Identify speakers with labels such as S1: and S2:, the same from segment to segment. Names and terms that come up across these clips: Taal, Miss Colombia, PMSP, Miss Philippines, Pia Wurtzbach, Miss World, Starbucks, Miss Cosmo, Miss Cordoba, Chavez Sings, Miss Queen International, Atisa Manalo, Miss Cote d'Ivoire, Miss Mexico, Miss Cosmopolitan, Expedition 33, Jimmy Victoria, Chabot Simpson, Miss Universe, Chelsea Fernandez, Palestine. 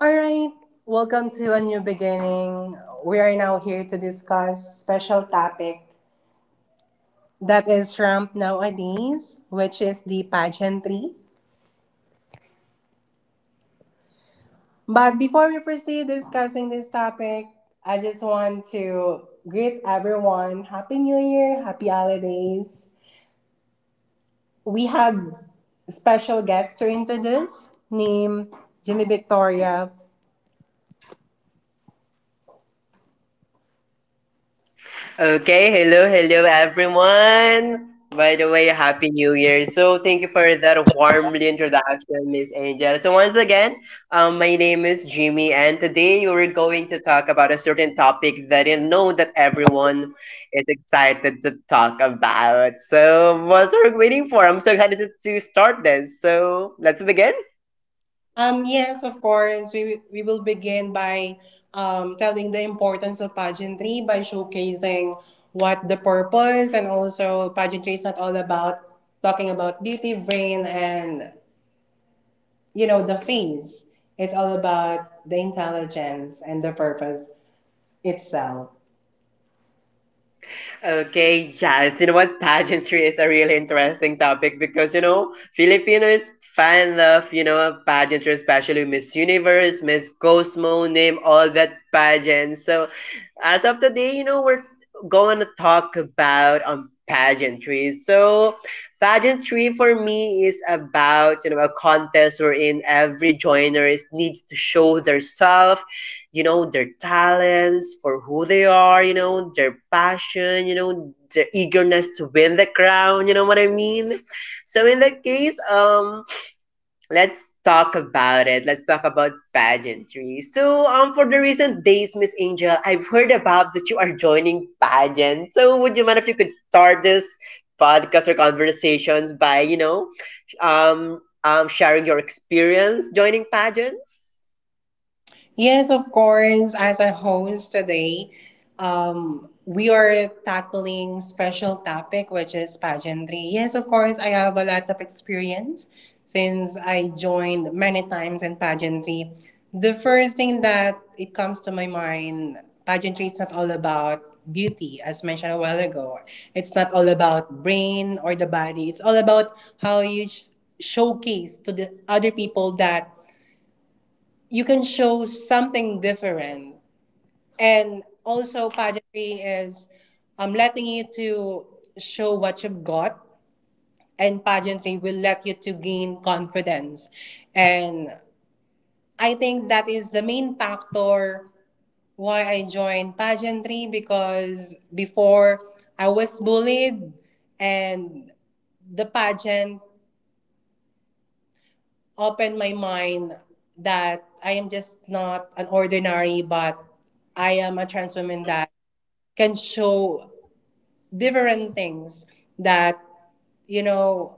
S1: All right, welcome to a new beginning. We are now here to discuss special topic that is ramped nowadays, which is the pageantry. But before we proceed discussing this topic, I just want to greet everyone. Happy New Year, happy holidays. We have special guest to introduce named Jimmy Victoria.
S2: Okay, hello, hello everyone. By the way, Happy New Year. So thank you for that warmly introduction, Miss Angel. So once again, my name is Jimmy, and today we're going to talk about a certain topic that I know that everyone is excited to talk about. So what are we waiting for? I'm so excited to start this. So let's begin.
S1: Yes, of course. We will begin by telling the importance of pageantry by showcasing what the purpose, and also pageantry is not all about talking about beauty, brain, and you know the face. It's all about the intelligence and the purpose itself.
S2: Okay, yes. You know what? Pageantry is a really interesting topic because, you know, Filipinos fan of, you know, pageantry, especially Miss Universe, Miss Cosmo, name all that pageant. So, as of today, you know, we're going to talk about pageantry. So, pageantry for me is about, you know, a contest wherein every joiner is- needs to show their you know their talents for who they are, you know, their passion, you know, their eagerness to win the crown, you know what I mean. So in that case, let's talk about it, let's talk about pageantry. So for the recent days, Miss Angel, I've heard about that you are joining pageant, so would you mind if you could start this podcast or conversations by you know sharing your experience joining pageants.
S1: Yes, of course. As a host today, we are tackling special topic which is pageantry. Yes, of course, I have a lot of experience since I joined many times in pageantry. The first thing that it comes to my mind, pageantry is not all about beauty as mentioned a while ago. It's not all about brain or the body. It's all about how you showcase to the other people that you can show something different. And also, pageantry is letting you to show what you've got, and pageantry will let you to gain confidence. And I think that is the main factor why I joined pageantry, because before I was bullied, and the pageant opened my mind that I am just not an ordinary, but I am a trans woman that can show different things that you know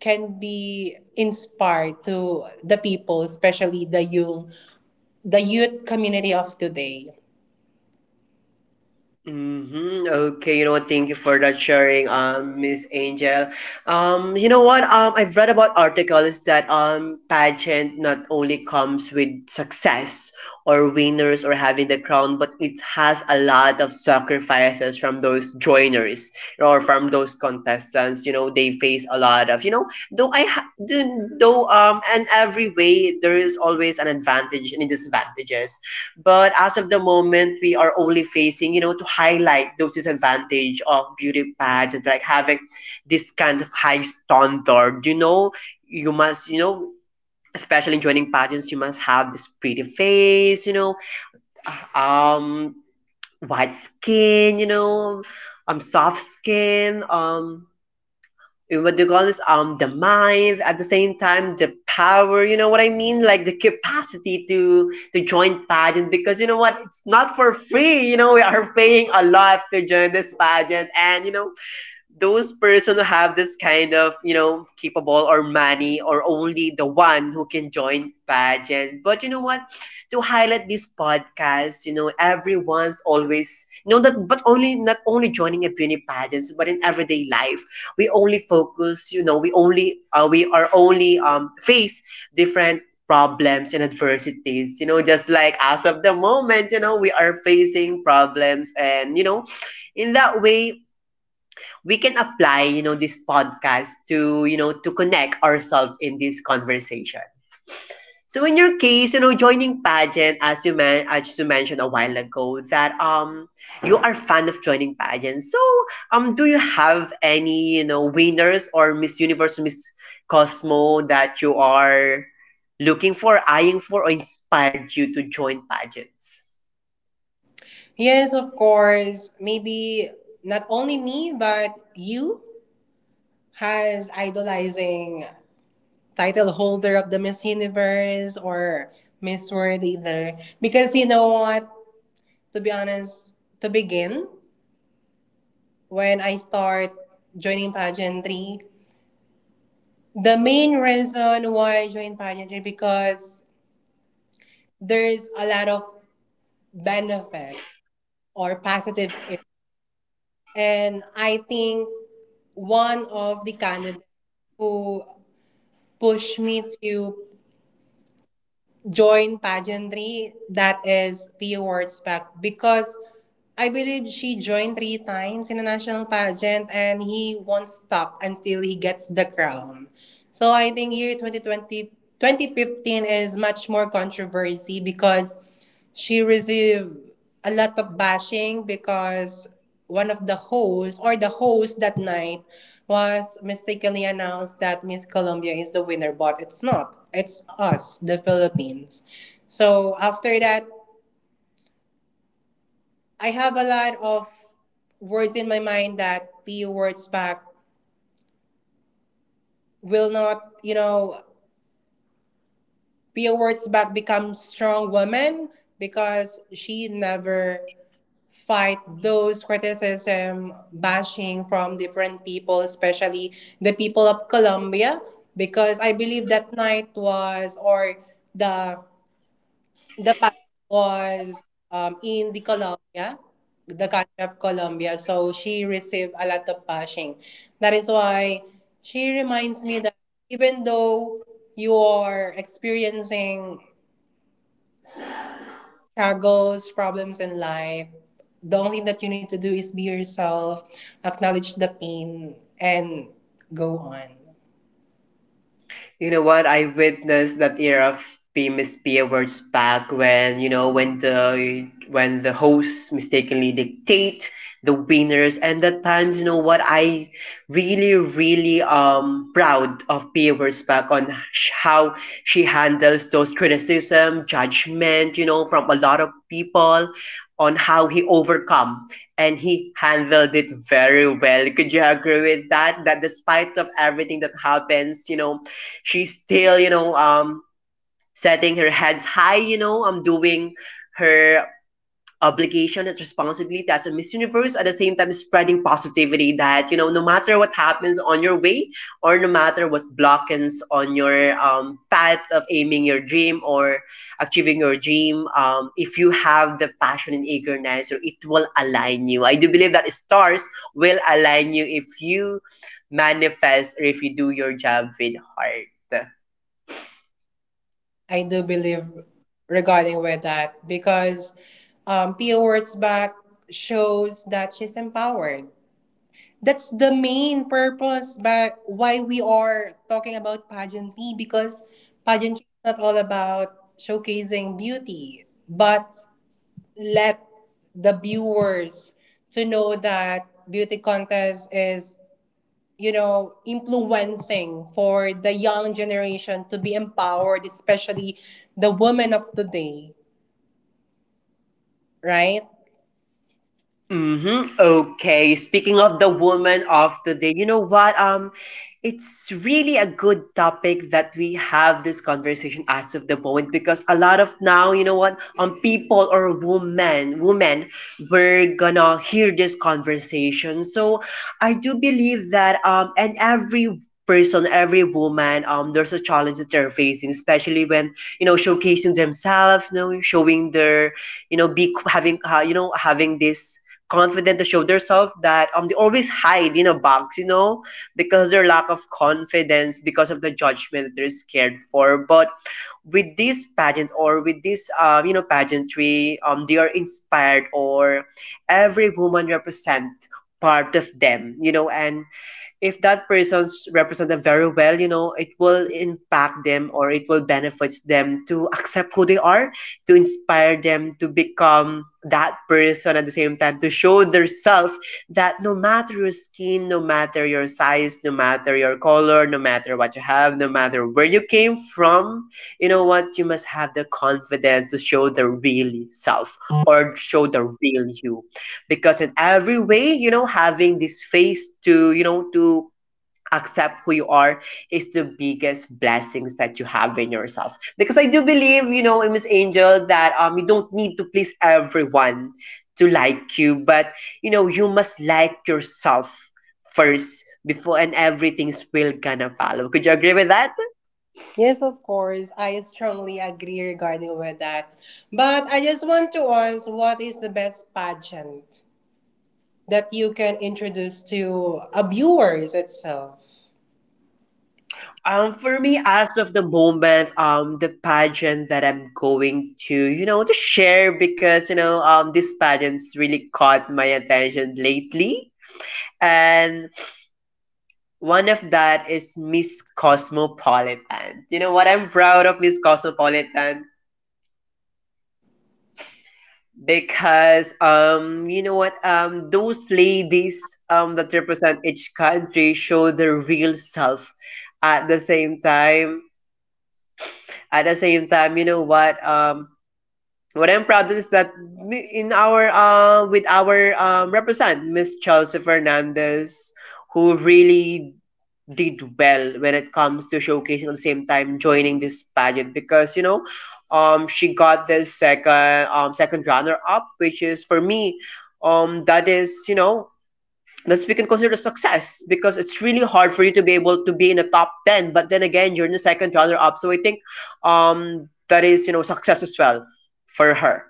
S1: can be inspired to the people, especially the youth community of today.
S2: Mm-hmm. Okay, you know what? Thank you for that sharing, Miss Angel. You know what? I've read about articles that pageant not only comes with success or winners or having the crown, but it has a lot of sacrifices from those joiners or from those contestants. You know, they face a lot of, you know, though I ha- do, though in every way there is always an advantage and a disadvantages, but as of the moment, we are only facing, you know, to highlight those disadvantage of beauty pageant, like having this kind of high standard. You know, you must, you know, especially joining pageants, you must have this pretty face, you know, um, white skin, you know, soft skin, what do you call this the mind at the same time the power, you know what I mean, like the capacity to join pageant, because you know what, it's not for free. You know, we are paying a lot to join this pageant, and you know those person who have this kind of, you know, capable or money or only the one who can join pageant. But you know what, to highlight this podcast, you know, everyone's always you know that, but only not only joining at beauty pageants but in everyday life, we only focus, you know, we only we are only face different problems and adversities, you know, just like as of the moment, you know, we are facing problems, and you know in that way we can apply, you know, this podcast to, you know, to connect ourselves in this conversation. So in your case, you know, joining pageant, as you men- as you mentioned a while ago, that you are fan of joining pageant. So do you have any, you know, winners or Miss Universe, Miss Cosmo that you are looking for, eyeing for, or inspired you to join pageants?
S1: Yes, of course. Maybe not only me but you has idolizing title holder of the Miss Universe or Miss World either, because you know what, to be honest, to begin, when I start joining pageantry, the main reason why I joined pageantry because there's a lot of benefit or positive impact. And I think one of the candidates who pushed me to join pageantry, that is P Awards back, because I believe she joined three times in a national pageant and he won't stop until he gets the crown. So I think year 2015 is much more controversy because she received a lot of bashing, because one of the hosts or the host that night was mistakenly announced that Miss Colombia is the winner, but it's not. It's us, the Philippines. So after that, I have a lot of words in my mind that P.O. Words back will not, you know, P.O. Words back become strong woman because she never fight those criticism bashing from different people, especially the people of Colombia, because I believe that night was or the The pageant was in the Colombia, the country of Colombia. So she received a lot of bashing. That is why she reminds me that even though you are experiencing struggles, problems in life, the only thing that you need to do is be yourself, acknowledge the pain, and go on.
S2: You know what? I witnessed that era of PMSP awards back when, you know, when the hosts mistakenly dictate the winners, and at times, you know what, I really proud of P awards back on sh- how she handles those criticism, judgment, you know, from a lot of people on how he overcome and he handled it very well. Could you agree with that? That despite of everything that happens, you know, she's still, you know, setting her heads high, you know, doing her obligation and responsibility as a Miss Universe, at the same time spreading positivity that, you know, no matter what happens on your way or no matter what blockings on your path of aiming your dream or achieving your dream, if you have the passion and eagerness, or it will align you. I do believe that stars will align you if you manifest or if you do your job with heart.
S1: I do believe regarding with that because Pia Wurtzbach shows that she's empowered. That's the main purpose but why we are talking about pageantry, because pageantry is not all about showcasing beauty, but let the viewers to know that beauty contest is influencing for the young generation to be empowered, especially the women of today, right?
S2: Mm-hmm. Okay. Speaking of the woman of today, you know what? It's really a good topic that we have this conversation as of the moment, because a lot of now, you know what, people or women, we're gonna hear this conversation. So I do believe that and every person, every woman, there's a challenge that they're facing, especially when you know showcasing themselves, you know, showing their, you know, be having, you know, having this confident to show themselves that they always hide in a box, you know, because their lack of confidence, because of the judgment that they're scared for. But with this pageant or with this you know pageantry, they are inspired, or every woman represent part of them, you know, and if that person's represented very well, you know, it will impact them or it will benefits them to accept who they are, to inspire them to become that person at the same time, to show their self that no matter your skin, no matter your size, no matter your color, no matter what you have, no matter where you came from, you know what, you must have the confidence to show the real self or show the real you, because in every way, you know, having this face to, you know, to accept who you are is the biggest blessings that you have in yourself. Because I do believe, you know, Miss Angel, that you don't need to please everyone to like you, but you know you must like yourself first, before and everything's will gonna follow. Could you agree with that?
S1: Yes, of course. I strongly agree regarding with that. But I just want to ask, what is the best pageant that you can introduce to a viewers itself?
S2: For me, as of the moment, the pageant that I'm going to, you know, to share, because you know, this pageant's really caught my attention lately, and one of that is Miss Cosmopolitan. You know what? I'm proud of Miss Cosmopolitan, because you know what those ladies that represent each country show their real self at the same time at the same time you know what I'm proud of is that mi- in our with our represent Miss Chelsea Fernandez, who really did well when it comes to showcasing, at the same time joining this pageant, because you know, she got this second runner up, which is for me, that is, you know, that's we can consider success, because it's really hard for you to be able to be in the top 10, but then again you're in the second runner up, so I think that is, you know, success as well for her.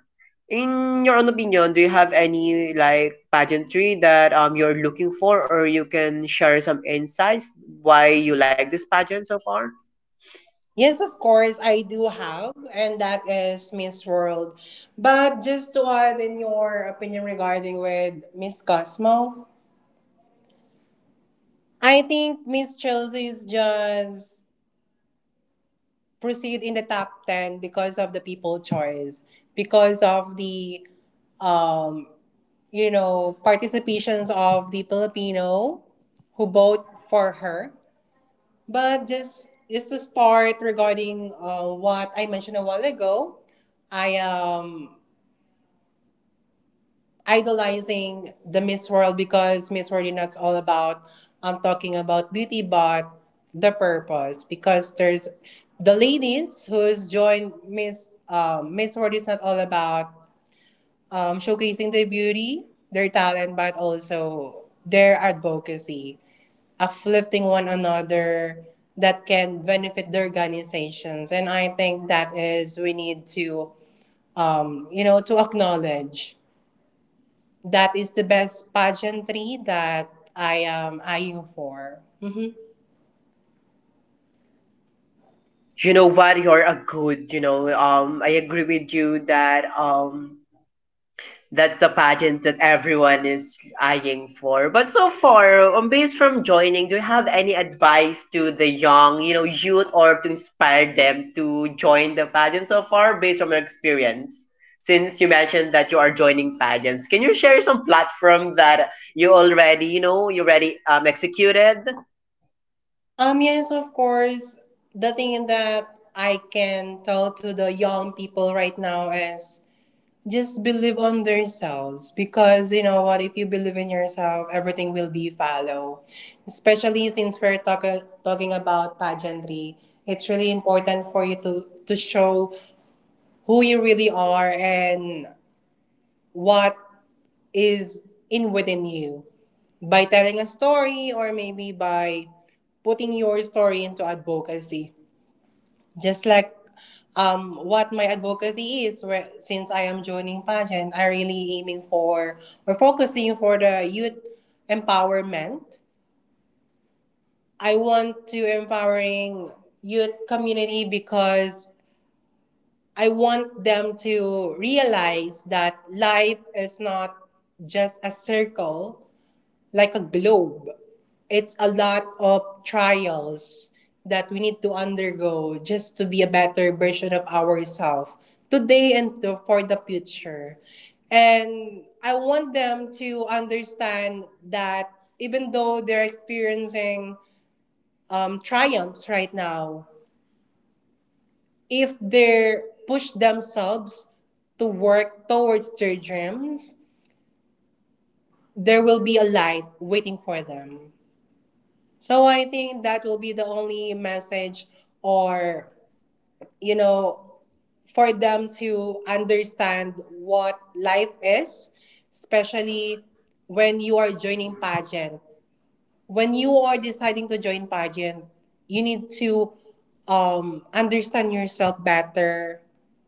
S2: In your own opinion, do you have any like pageantry that you're looking for, or you can share some insights why you like this pageant so far?
S1: Yes, of course, I do have, and that is Miss World. But just to add in your opinion regarding with Miss Cosmo, I think Miss Chelsea's just proceed in the top 10 because of the people choice, because of the, um, participations of the Filipino who vote for her. But just to start regarding what I mentioned a while ago, I idolizing the Miss World because Miss World is not all about talking about beauty but the purpose, because there's the ladies who's joined Miss World is not all about showcasing their beauty, their talent, but also their advocacy, uplifting one another that can benefit the organizations. And I think that is we need to to acknowledge that is the best pageantry that I am eyeing for. Mhm.
S2: You know what? You're a good. You know, I agree with you that that's the pageant that everyone is eyeing for. But so far, based from joining, do you have any advice to the young, you know, youth, or to inspire them to join the pageant so far based on your experience? Since you mentioned that you are joining pageants, can you share some platform that you already, you know, you already executed?
S1: Yes, of course. The thing that I can tell to the young people right now is just believe on themselves, because you know what, if you believe in yourself everything will be follow, especially since we're talking about pageantry. It's really important for you to show who you really are and what is in within you by telling a story or maybe by putting your story into advocacy. Just like what my advocacy is, where, since I am joining pageant, I really aiming for or focusing for the youth empowerment. I want to empowering youth community because I want them to realize that life is not just a circle like a globe. It's a lot of trials that we need to undergo just to be a better version of ourselves today and for the future. And I want them to understand that even though they're experiencing triumphs right now, if they push themselves to work towards their dreams, there will be a light waiting for them. So I think that will be the only message, or, you know, for them to understand what life is, especially when you are joining pageant. When you are deciding to join pageant, you need to understand yourself better,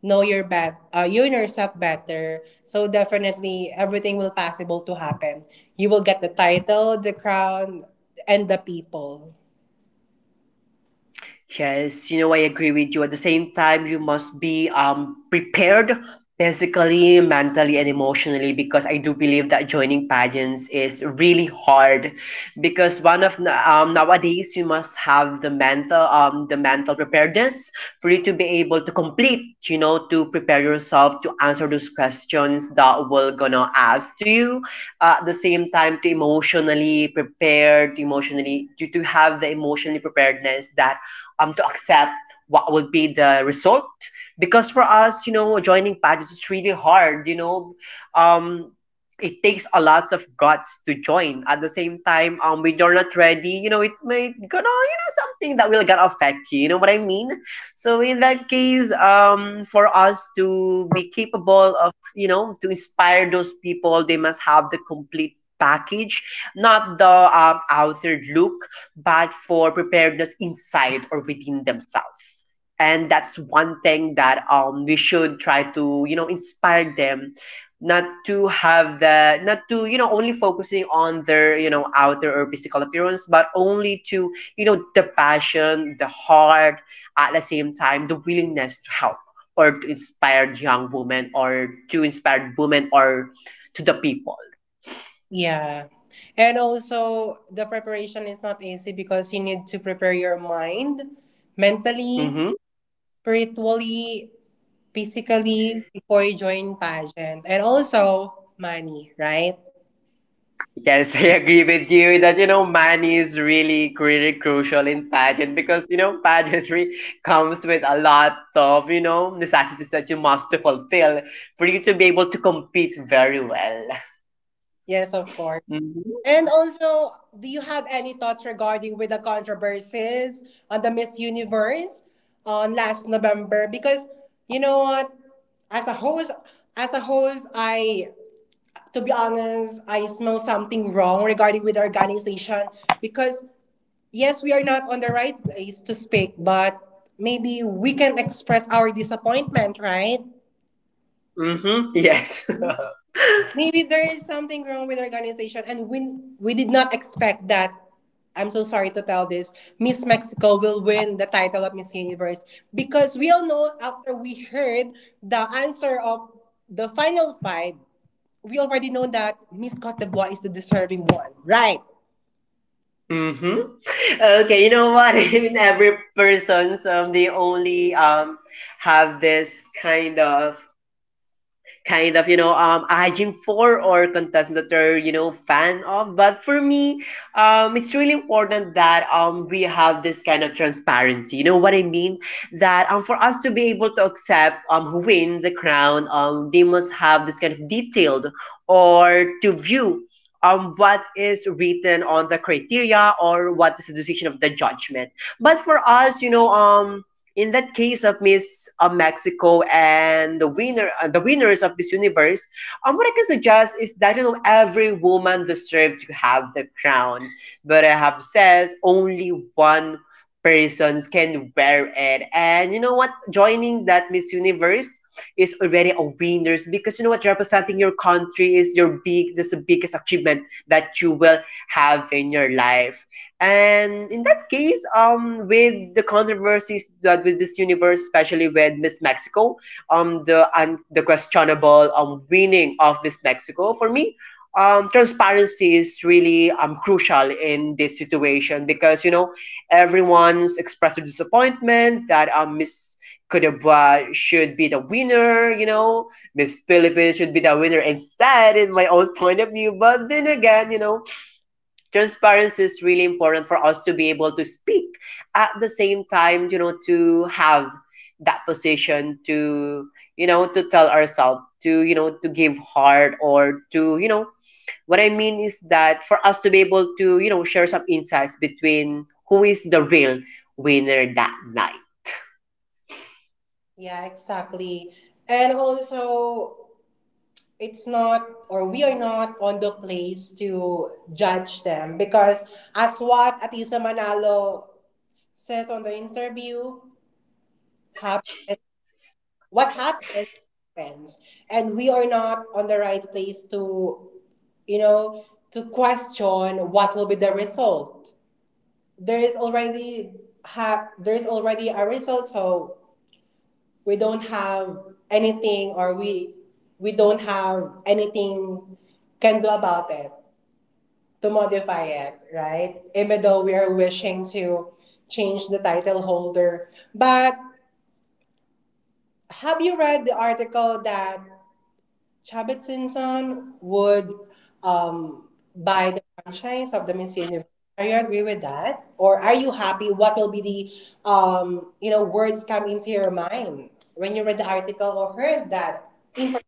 S1: know you know yourself better. So definitely everything will possible to happen. You will get the title, the crown, and the people.
S2: Yes, you know, I agree with you. At the same time, you must be prepared physically, mentally, and emotionally, because I do believe that joining pageants is really hard, because one of the- nowadays you must have the mental preparedness for you to be able to complete, you know, to prepare yourself to answer those questions that will gonna ask to you. At the same time, to emotionally prepared, to have the emotionally preparedness that to accept what would be the result. Because for us, you know, joining pageants is really hard. You know, um, it takes a lot of guts to join. At the same time, when you're not ready, you know, it might gonna, you know, something that will gonna affect you. You know what I mean? So in that case, for us to be capable of, you know, to inspire those people, they must have the complete package, not the outer look, but for preparedness inside or within themselves. And that's one thing that we should try to, you know, inspire them not to have the not to, you know, only focusing on their, you know, outer or physical appearance, but only to, you know, the passion, the heart, at the same time, the willingness to help or to inspire young women or to inspire women or to the people.
S1: Yeah. And also, the preparation is not easy because you need to prepare your mind mentally, spiritually, physically before you join pageant. And also, money, right?
S2: Yes, I agree with you that you know man is really crucial in pageant because you know pageantry comes with a lot of you know necessities that you must fulfill for you to be able to compete very well.
S1: Yes, of course.
S2: Mm-hmm.
S1: And also, do you have any thoughts regarding with the controversies on the Miss Universe on last November? Because you know what, as a host, as a host, I to be honest, I smell something wrong regarding with the organization, because yes, we are not on the right place to speak, but maybe we can express our disappointment, right?
S2: Mm-hmm. Yes.
S1: Maybe there is something wrong with the organization and we did not expect that. I'm so sorry to tell this. Miss Mexico will win the title of Miss Universe because we all know, after we heard the answer of the final fight, we already know that Miss Cote d'Ivoire is the deserving one, right?
S2: Mm-hmm. Okay, you know what? Even every person's they only have this kind of you know aging for or contestants that are you know fan of, but for me, it's really important that we have this kind of transparency, you know what I mean, that for us to be able to accept who wins the crown, they must have this kind of detailed or to view what is written on the criteria or what is the decision of the judgment. But for us, you know, in that case of Miss Mexico and the winner, the winners of Miss Universe, what I can suggest is that you know every woman deserves to have the crown, but I have says only one persons can wear it, and you know what? Joining that Miss Universe is already a winners because you know what? Representing your country is your big, that's the biggest achievement that you will have in your life. And in that case, with the controversies that with this universe, especially with Miss Mexico, the questionable winning of Miss Mexico, for me, transparency is really crucial in this situation because you know everyone's expressed disappointment that Miss Cordoba should be the winner. You know, Miss Philippines should be the winner instead, in my own point of view. But then again, you know, transparency is really important for us to be able to speak, at the same time you know to have that position to, you know, to tell ourselves to, you know, to give heart, or to, you know, what I mean is that for us to be able to, you know, share some insights between who is the real winner that night.
S1: Yeah, exactly. And also, it's not, or we are not on the place to judge them because, as what Atisa Manalo says on the interview, happens, what happens, happens. And we are not on the right place to, you know, to question what will be the result. There is already, there's already a result, so we don't have anything, or we don't have anything can do about it to modify it, right? Even though we are wishing to change the title holder. But have you read the article that Chabot Simpson would um, buy the franchise of the Miss Universe? Are you agree with that? Or are you happy? What will be the words come into your mind when you read the article or heard that information?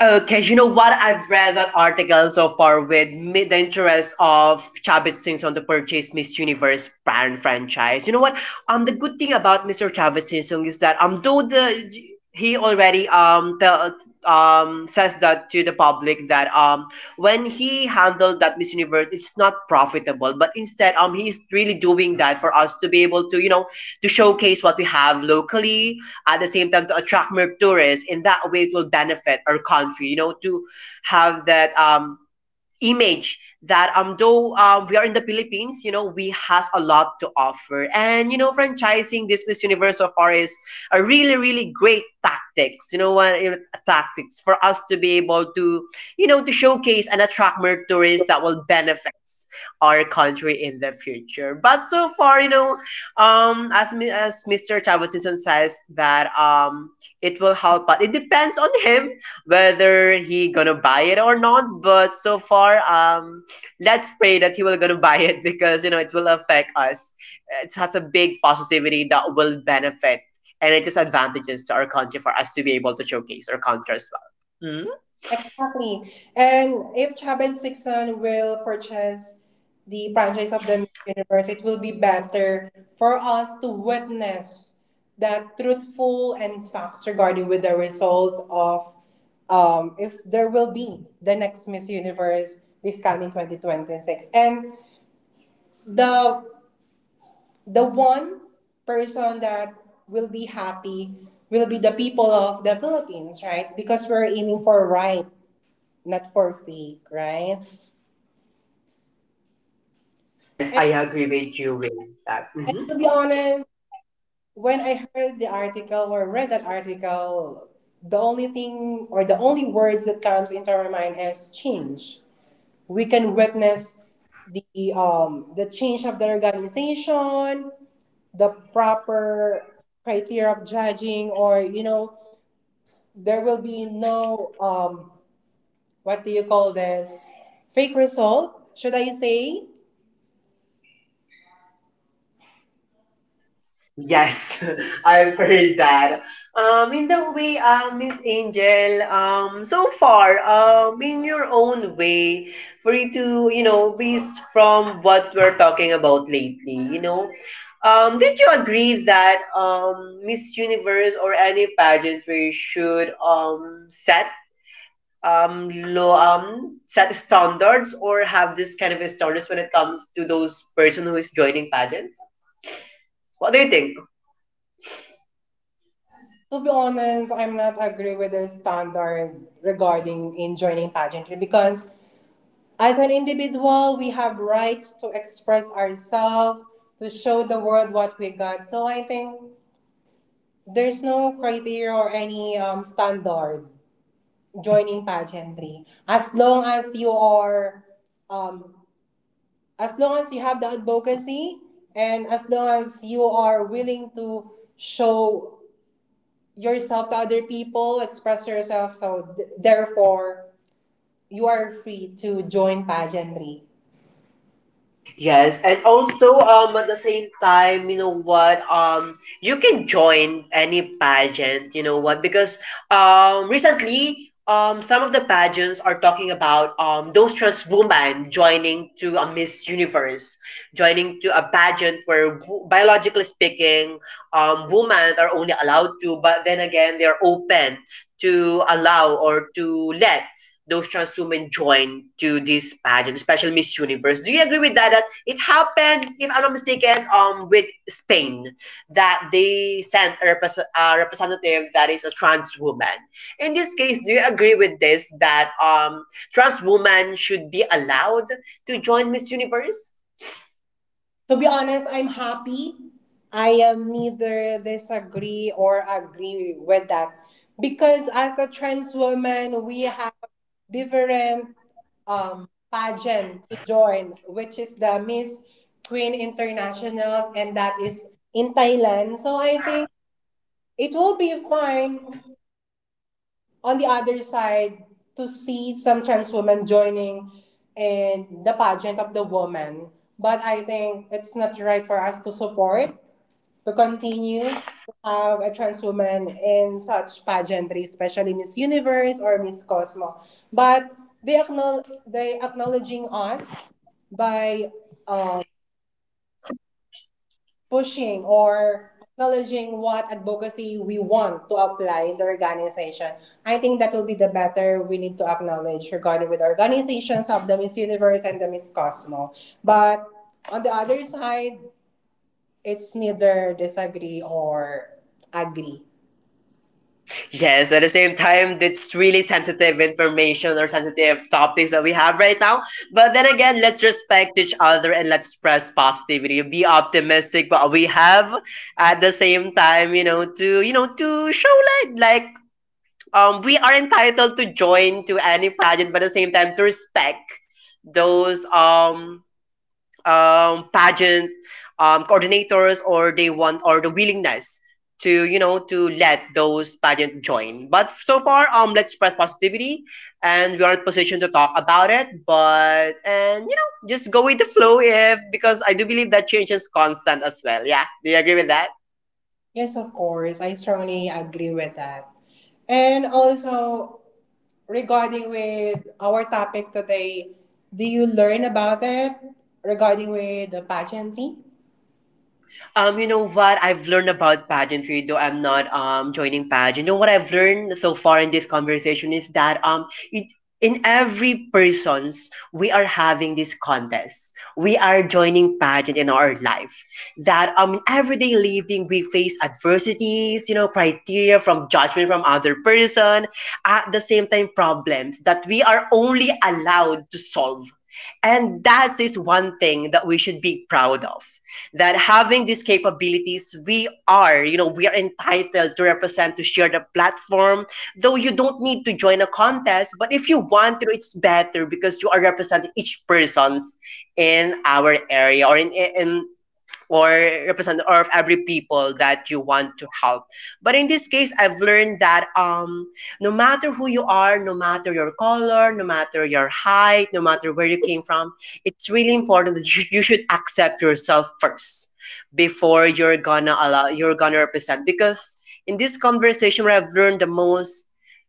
S2: Okay, you know what? I've read that article so far with the interest of Chavez Sings on the purchase Miss Universe brand franchise. You know what? The good thing about Mr. Chavez Singsong is that though the he already tell, says that to the public that when he handled that Miss Universe, it's not profitable, but instead he's really doing that for us to be able to you know to showcase what we have locally at the same time to attract more tourists. In that way, it will benefit our country, you know, to have that image that though we are in the Philippines. You know, we has a lot to offer. And you know, franchising this Miss Universe so far is a really great tactics. You know what, you know, tactics for us to be able to, you know, to showcase and attract more tourists that will benefits our country in the future. But so far, you know, as Mr. Chavisison says that it will help, but it depends on him whether he gonna buy it or not. But so far, let's pray that he will gonna buy it because you know it will affect us. It has a big positivity that will benefit, and it is advantages to our country for us to be able to showcase our country as well. Mhm.
S1: Exactly. And if Chaben Sixon will purchase the franchise of the Miss Universe, it will be better for us to witness that truthful and facts regarding with the results of, if there will be the next Miss Universe this coming 2026. And the the one person that will be happy will be the people of the Philippines, right? Because we're aiming for right, not for fake, right?
S2: Yes,
S1: And,
S2: I agree with you with that.
S1: and
S2: Mhm.
S1: to be honest, when I heard the article or read that article, the only thing or the only words that comes into our mind is change. We can witness the change of the organization, the proper criteria of judging, or there will be no what do you call this, fake result? Should I say?
S2: Yes, I've heard that. In the way, Miss Angel, so far, in your own way, for you to, you know, based from what we're talking about lately, you know, did you agree that Miss Universe or any pageantry should set low set standards or have this kind of standards when it comes to those person who is joining pageant? What do you think?
S1: To be honest, I'm not agree with the standard regarding in joining pageantry, because as an individual, we have rights to express ourselves, to show the world what we got. So I think there's no criteria or any standard joining pageantry. Um, as long as you have the advocacy, and as long as you are willing to show yourself to other people, express yourself. So therefore, you are free to join pageantry.
S2: Yes, and also at the same time, you know what, you can join any pageant, you know what, because recently some of the pageants are talking about those trans women joining to a Miss Universe, joining to a pageant where biologically speaking, women are only allowed to, but then again they are open to allow or to let those trans women join to this pageant, especially Miss Universe. Do you agree with that? That it happened, if I'm not mistaken, with Spain, that they sent a representative that is a trans woman. In this case, do you agree with this that trans women should be allowed to join Miss Universe?
S1: To be honest, I'm happy. I am neither disagree or agree with that because as a trans woman, we have different pageant to join, which is the Miss Queen International, and that is in Thailand. So I think it will be fine on the other side, to see some trans women joining in the pageant of the woman. But I think it's not right for us to support, to continue to have a trans woman in such pageantry, especially Miss Universe or Miss Cosmo. But they acknowledging us by uh, pushing or acknowledging what advocacy we want to apply in the organization. I think that will be the better we need to acknowledge regarding with organizations of the Miss Universe and the Miss Cosmo. But on the other side, it's neither disagree or agree.
S2: Yes, at the same time, it's really sensitive information or sensitive topics that we have right now. But then again, let's respect each other and let's spread positivity. Be optimistic, but we have at the same time, you know, to, you know, to show light. Like we are entitled to join to any pageant, but at the same time to respect those pageant coordinators or they want or the willingness to, you know, to let those pageant join. But so far, let's spread positivity, and we are in position to talk about it. But and you know just go with the flow if because I do believe that change is constant as well. Yeah, do you agree with that?
S1: Yes, of course, I strongly agree with that. And also regarding with our topic today, do you learn about it regarding with the pageantry?
S2: You know what I've learned about pageantry, though I'm not joining pageant. You know what I've learned so far in this conversation is that it in every person's we are having this contest. We are joining pageant in our life. That in everyday living we face adversities, you know, criteria from judgment from other person, at the same time problems that we are only allowed to solve. And that is one thing that we should be proud of, that having these capabilities, we are, you know, we are entitled to represent, to share the platform. Though you don't need to join a contest, but if you want to, it's better because you are representing each person's in our area, or in, or represent or of every people that you want to help. But in this case, I've learned that no matter who you are, no matter your color, no matter your height, no matter where you came from, it's really important that you should accept yourself first before you're gonna allow you're gonna represent. Because in this conversation what I've learned the most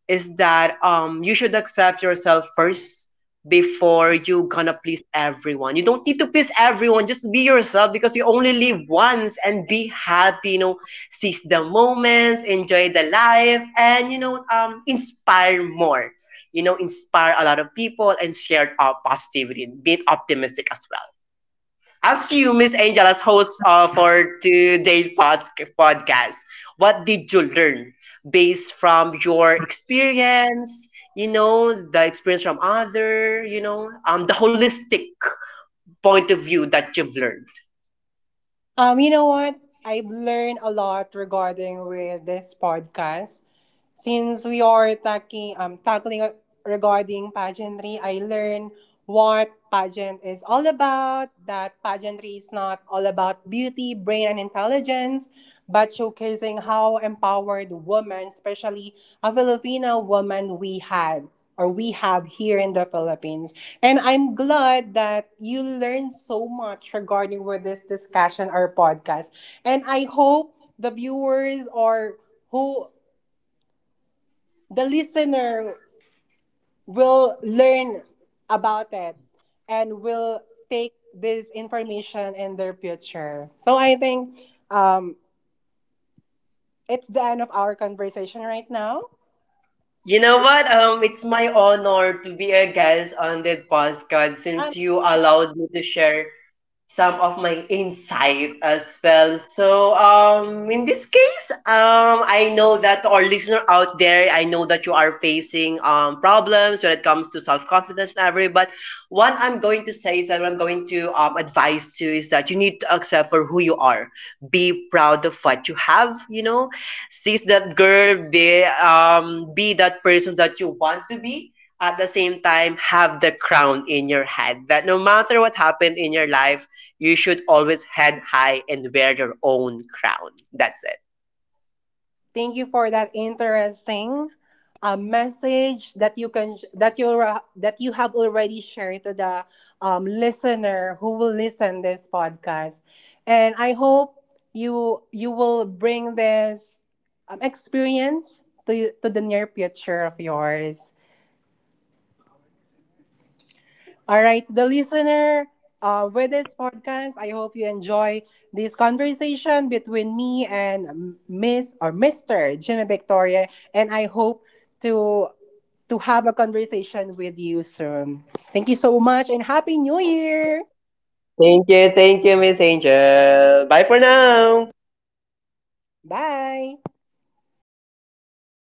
S2: is that you should accept yourself first before you gonna please everyone. You don't need to please everyone. Just be yourself because you only live once and be happy, you know. Seize the moments, enjoy the life, and you know, inspire more. You know, inspire a lot of people and share our positivity. Be optimistic as well. As you, Miss Angel, as host for today's podcast, what did you learn based from your experience? You know, the experience from other, you know, the holistic point of view that you've learned.
S1: You know what? I've learned a lot regarding with this podcast. Since we are tackling tackling regarding pageantry, I learned what pageant is all about. That pageantry is not all about beauty, brain, and intelligence, but showcasing how empowered women, especially a Filipino woman, we had or we have here in the Philippines. And I'm glad that you learned so much regarding with this discussion or podcast. And I hope the viewers, or who the listener, will learn about it and will take this information in their future. So I think um, it's the end of our conversation right now.
S2: You know what? It's my honor to be a guest on that podcast since you allowed me to share some of my insight as well. So, in this case, I know that our listener out there, I know that you are facing problems when it comes to self confidence and everything. But what I'm going to say is that what I'm going to advise you is that you need to accept for who you are. Be proud of what you have. You know, seize that girl. Be that person that you want to be at the same time have the crown in your head that no matter what happened in your life you should always head high and wear your own crown. That's it.
S1: Thank you for that interesting message that you can sh- that you ra- that you have already shared to the listener who will listen this podcast, and I hope you will bring this experience to the near future of yours. All right, the listener, with this podcast, I hope you enjoy this conversation between me and Miss or Mr. Jimmy Victoria, and I hope to to have a conversation with you soon. Thank you so much, and happy New Year!
S2: Thank you, Miss Angel. Bye for now.
S1: Bye.